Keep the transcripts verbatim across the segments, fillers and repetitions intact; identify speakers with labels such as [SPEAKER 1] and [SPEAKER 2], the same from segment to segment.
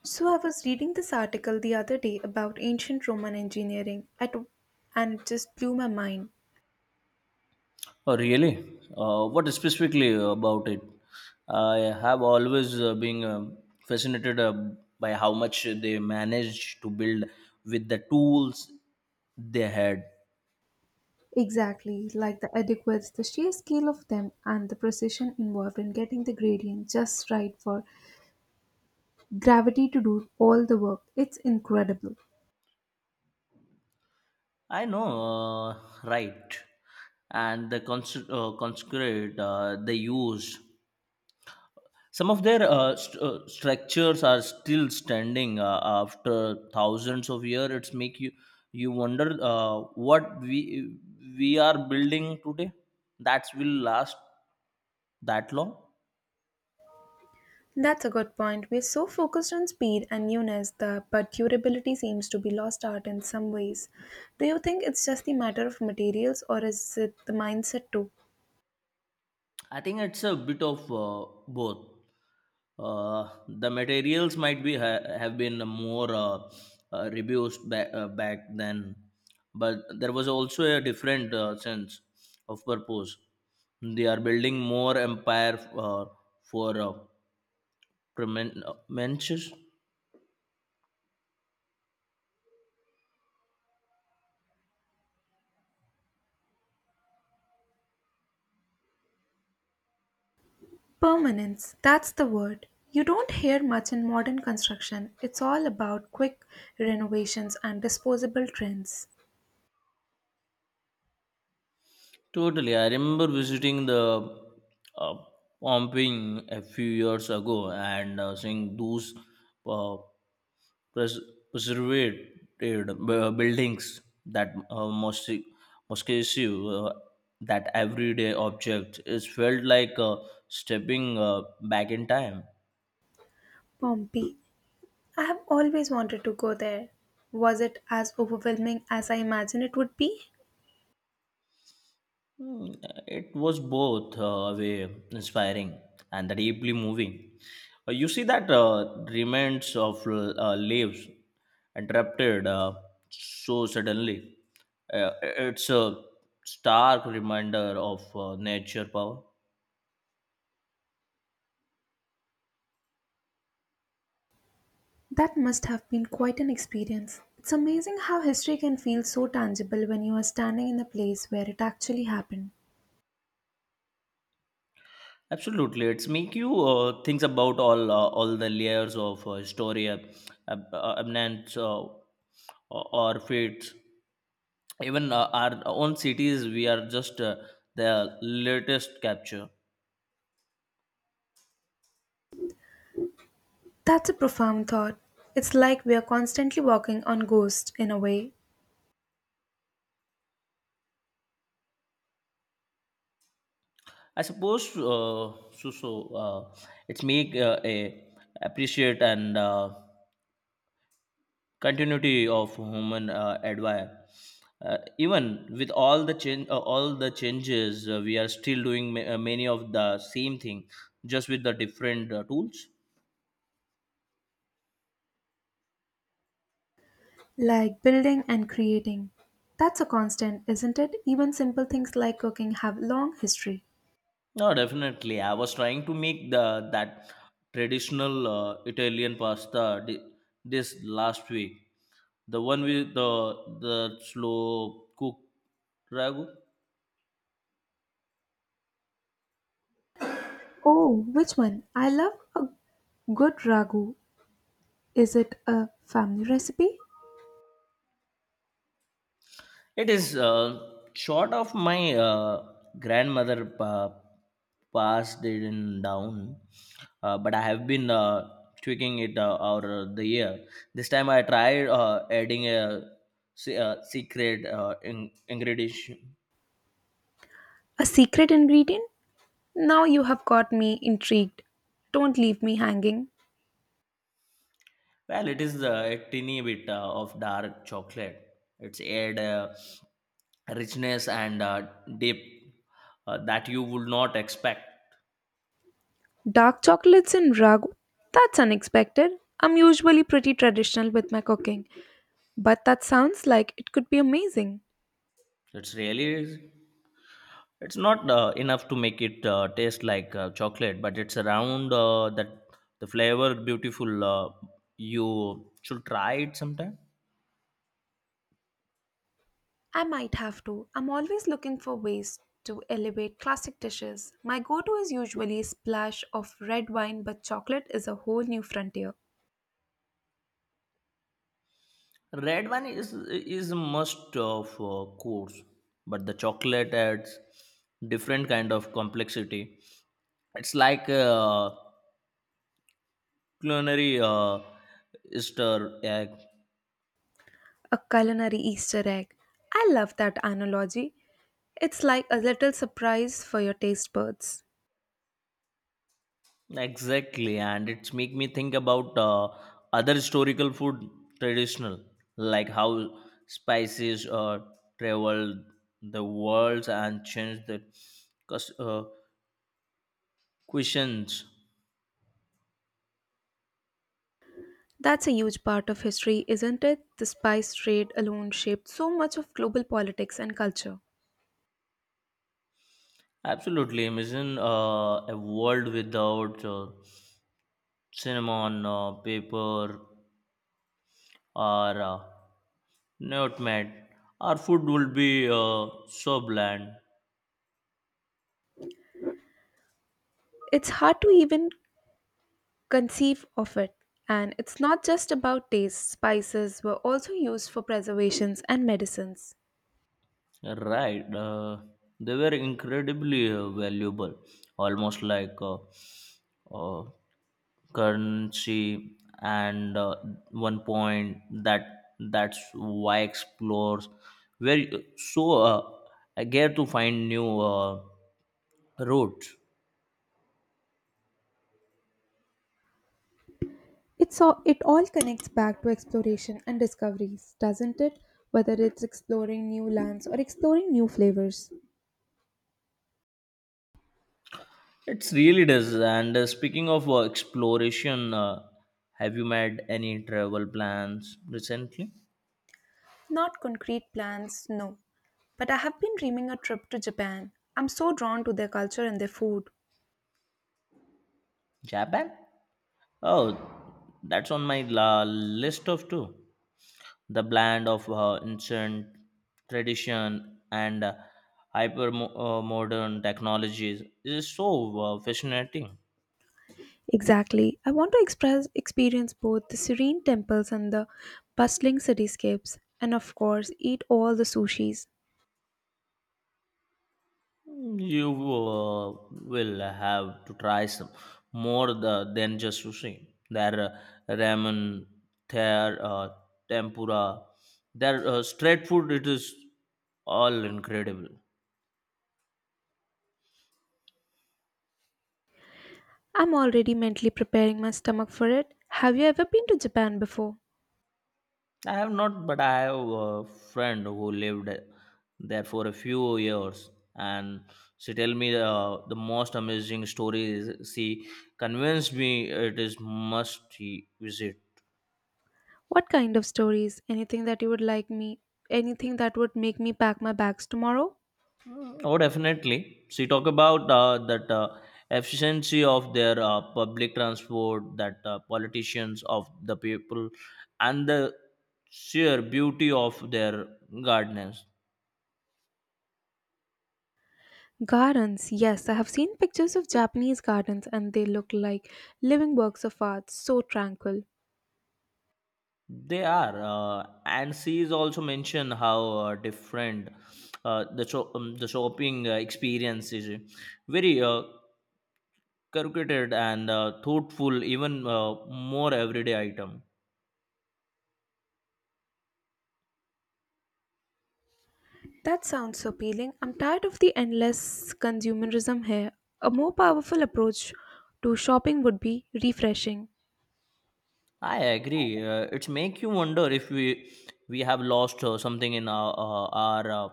[SPEAKER 1] So I was reading this article the other day about ancient Roman engineering at, and it just blew my mind.
[SPEAKER 2] Oh, really? Uh, what specifically about it? I have always uh, been um, fascinated, uh, by how much they managed to build with the tools they had.
[SPEAKER 1] Exactly, like the adequates, the sheer scale of them and the precision involved in getting the gradient just right for gravity to do all the work. It's incredible.
[SPEAKER 2] I know, uh, right? And the cons- uh, conscript uh, they used. Some of their uh, st- uh, structures are still standing uh, after thousands of years. It's make you you wonder uh, what we we are building today that will last that long.
[SPEAKER 1] That's a good point. We're so focused on speed and newness the but durability seems to be lost art in some ways. Do you think it's just the matter of materials or is it the mindset too?
[SPEAKER 2] I think it's a bit of uh, both. Uh, the materials might be ha- have been more uh, uh, reduced, ba- uh, back then, but there was also a different uh, sense of purpose. They are building more empire, uh, for uh, premen- uh, mentions.
[SPEAKER 1] Permanence, that's the word. You don't hear much in modern construction. It's all about quick renovations and disposable trends.
[SPEAKER 2] Totally. I remember visiting the uh, pumping a few years ago and uh, seeing those uh, pres- preserved uh, buildings that uh, most most cases, uh, that everyday object. It felt like uh, stepping uh, back in time.
[SPEAKER 1] Pompeii. I have always wanted to go there. Was it as overwhelming as I imagined it would be?
[SPEAKER 2] Hmm, it was both uh, way inspiring and deeply moving. Uh, you see that uh, remains of uh, leaves interrupted, uh, so suddenly. Uh, it's a stark reminder of uh, nature power.
[SPEAKER 1] That must have been quite an experience. It's amazing how history can feel so tangible when you are standing in the place where it actually happened.
[SPEAKER 2] Absolutely, it's make you uh, think about all uh, all the layers of uh, story, ab- ab- uh, abnance, uh, or or fates. Even uh, our own cities we are just, uh, the latest capture.
[SPEAKER 1] That's a profound thought. It's like we are constantly walking on ghosts in a way.
[SPEAKER 2] I suppose, uh, so so uh, it's make uh, a appreciate and uh, continuity of human uh, advire, uh, even with all the change uh, all the changes uh, we are still doing ma- uh, many of the same thing, just with the different uh, tools.
[SPEAKER 1] Like building and creating. That's a constant, isn't it? Even simple things like cooking have long history.
[SPEAKER 2] No, definitely. I was trying to make the that traditional uh, Italian pasta di- this last week. The one with the the slow cook ragu.
[SPEAKER 1] Oh, which one? I love a good ragu. Is it a family recipe?
[SPEAKER 2] It is uh, short of my uh, grandmother pa- passed it in down, uh, but I have been uh, tweaking it uh, over the year. This time I tried uh, adding a, se- uh secret uh, in- ingredient.
[SPEAKER 1] A secret ingredient? Now you have got me intrigued. Don't leave me hanging.
[SPEAKER 2] Well, it is uh, a teeny bit uh, of dark chocolate. It's add uh, richness and uh, dip, uh, that you would not expect.
[SPEAKER 1] Dark chocolates in ragu? That's unexpected. I'm usually pretty traditional with my cooking, but that sounds like it could be amazing.
[SPEAKER 2] It's really, it's not uh, enough to make it uh, taste like uh, chocolate, but it's around uh, that the flavor beautiful. Uh, you should try it sometime.
[SPEAKER 1] I might have to. I'm always looking for ways to elevate classic dishes. My go to is usually a splash of red wine, but chocolate is a whole new frontier.
[SPEAKER 2] Red wine is is must of uh, course, but the chocolate adds different kind of complexity. It's like a culinary uh, Easter egg.
[SPEAKER 1] A culinary Easter egg. I love that analogy. It's like a little surprise for your taste buds.
[SPEAKER 2] Exactly, and it's make me think about uh, other historical food traditional, like how spices uh, traveled the world and changed the cus- uh, cuisines.
[SPEAKER 1] That's a huge part of history, isn't it? The spice trade alone shaped so much of global politics and culture.
[SPEAKER 2] Absolutely. Imagine uh, a world without uh, cinnamon, uh, paper, or uh, nutmeg. Our food would be uh, so bland.
[SPEAKER 1] It's hard to even conceive of it. And it's not just about taste, spices were also used for preservations and medicines.
[SPEAKER 2] Right. Uh, they were incredibly uh, valuable, almost like uh, uh, currency. And uh, one point, that that's why explorers were so uh, eager to find new uh, routes.
[SPEAKER 1] It's all, it all connects back to exploration and discoveries, doesn't it? Whether it's exploring new lands or exploring new flavors.
[SPEAKER 2] It really does. And uh, speaking of uh, exploration, uh, have you made any travel plans recently?
[SPEAKER 1] Not concrete plans, no. But I have been dreaming a trip to Japan. I'm so drawn to their culture and their food.
[SPEAKER 2] Japan? Oh, that's on my la- list of two. The blend of uh, ancient tradition and uh, hyper mo- uh, modern technologies is so uh, fascinating.
[SPEAKER 1] Exactly. I want to express experience both the serene temples and the bustling cityscapes and of course eat all the sushis.
[SPEAKER 2] You, uh, will have to try some more the, than just sushi. There are ramen, there uh, tempura, there uh, straight food. It is all incredible.
[SPEAKER 1] I'm already mentally preparing my stomach for it. Have you ever been to Japan before?
[SPEAKER 2] I have not, but I have a friend who lived there for a few years, and she tell me uh, the most amazing stories. She convinced me it is must visit.
[SPEAKER 1] What kind of stories? Anything that you would like me? Anything that would make me pack my bags tomorrow?
[SPEAKER 2] Oh, definitely. So you talk about uh, that uh, efficiency of their uh, public transport, that uh, politicians of the people, and the sheer beauty of their gardens.
[SPEAKER 1] Gardens. Yes, I have seen pictures of Japanese gardens and they look like living works of art, so tranquil.
[SPEAKER 2] They are, uh, and she is also mentioned how uh, different uh, the sho- um, the shopping uh, experience is. Very uh, calculated and uh, thoughtful, even uh, more everyday item.
[SPEAKER 1] That sounds so appealing. I'm tired of the endless consumerism here. A more powerful approach to shopping would be refreshing.
[SPEAKER 2] I agree. Uh, it's make you wonder if we we have lost uh, something in our, uh, our uh,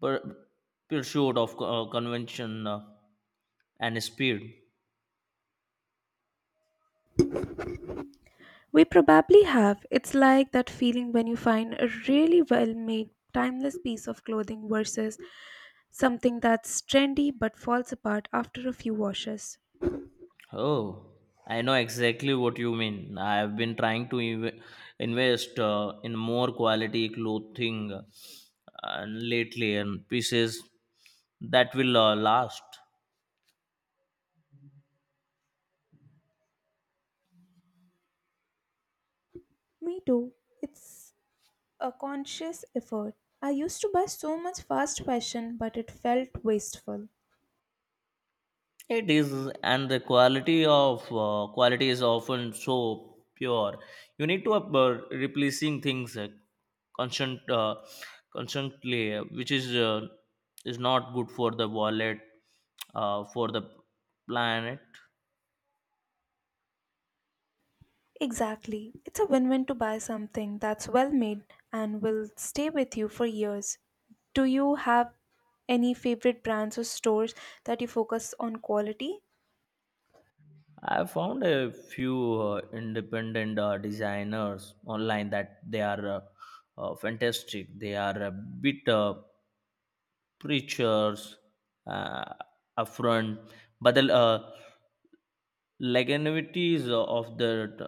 [SPEAKER 2] pur- pursuit of uh, convention uh, and speed.
[SPEAKER 1] We probably have. It's like that feeling when you find a really well made, timeless piece of clothing versus something that's trendy but falls apart after a few washes.
[SPEAKER 2] Oh, I know exactly what you mean. I have been trying to inv- invest uh, in more quality clothing uh, and lately and pieces that will uh, last.
[SPEAKER 1] Me too. It's a conscious effort. I used to buy so much fast fashion, but it felt wasteful.
[SPEAKER 2] It is, and the quality of uh, quality is often so pure. You need to up, uh, replacing things uh, constant, uh, constantly, uh, which is uh, is not good for the wallet, uh, for the planet.
[SPEAKER 1] Exactly. It's a win win to buy something that's well made and will stay with you for years. Do you have any favorite brands or stores that you focus on quality?
[SPEAKER 2] I found a few uh, independent uh, designers online that they are uh, uh, fantastic. They are a bit uh, preachers, uh, upfront, but the, uh, leganuities of the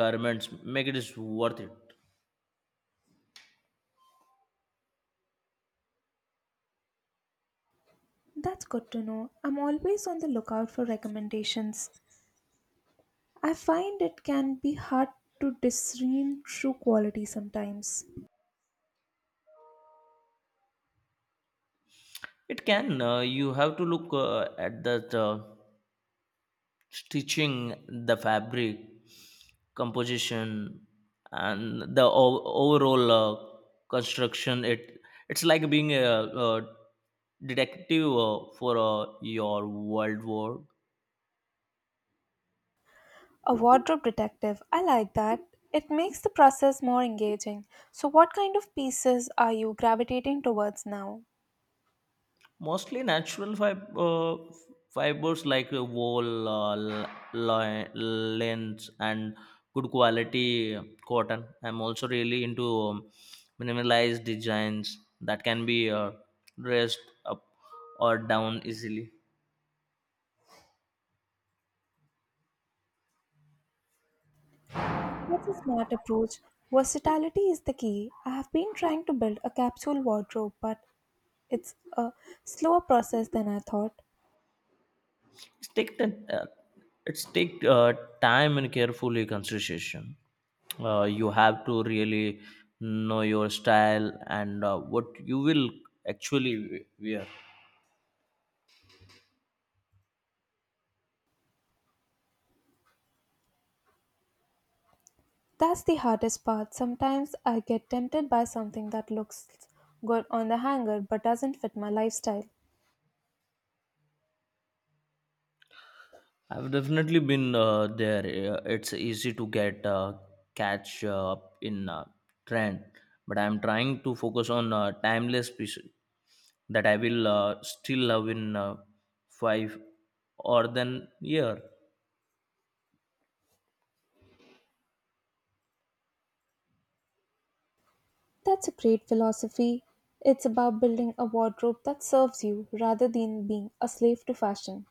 [SPEAKER 2] garments make it worth it.
[SPEAKER 1] That's good to know. I'm always on the lookout for recommendations. I find it can be hard to discern true quality sometimes.
[SPEAKER 2] It can, uh, you have to look uh, at the uh, stitching, the fabric composition, and the o- overall uh, construction. It it's like being a, a detective uh, for uh, your world war.
[SPEAKER 1] A wardrobe detective, I like that. It makes the process more engaging. So, what kind of pieces are you gravitating towards now?
[SPEAKER 2] Mostly natural fib- uh, fibers like uh, wool, uh, l- li- lens, and good quality cotton. I'm also really into um, minimalized designs that can be uh, dressed up or down easily.
[SPEAKER 1] That's a smart approach. Versatility is the key. I have been trying to build a capsule wardrobe, but it's a slower process than I thought.
[SPEAKER 2] It's take the, uh, it's take uh, time and carefully consideration. Uh, you have to really know your style and uh, what you will actually wear.
[SPEAKER 1] That's the hardest part. Sometimes I get tempted by something that looks good on the hanger but doesn't fit my lifestyle.
[SPEAKER 2] I've definitely been uh, there. Uh, It's easy to get uh, catch uh, up in uh, trend, but I'm trying to focus on uh, timeless pieces that I will uh, still love in uh, five or then year.
[SPEAKER 1] That's a great philosophy. It's about building a wardrobe that serves you rather than being a slave to fashion.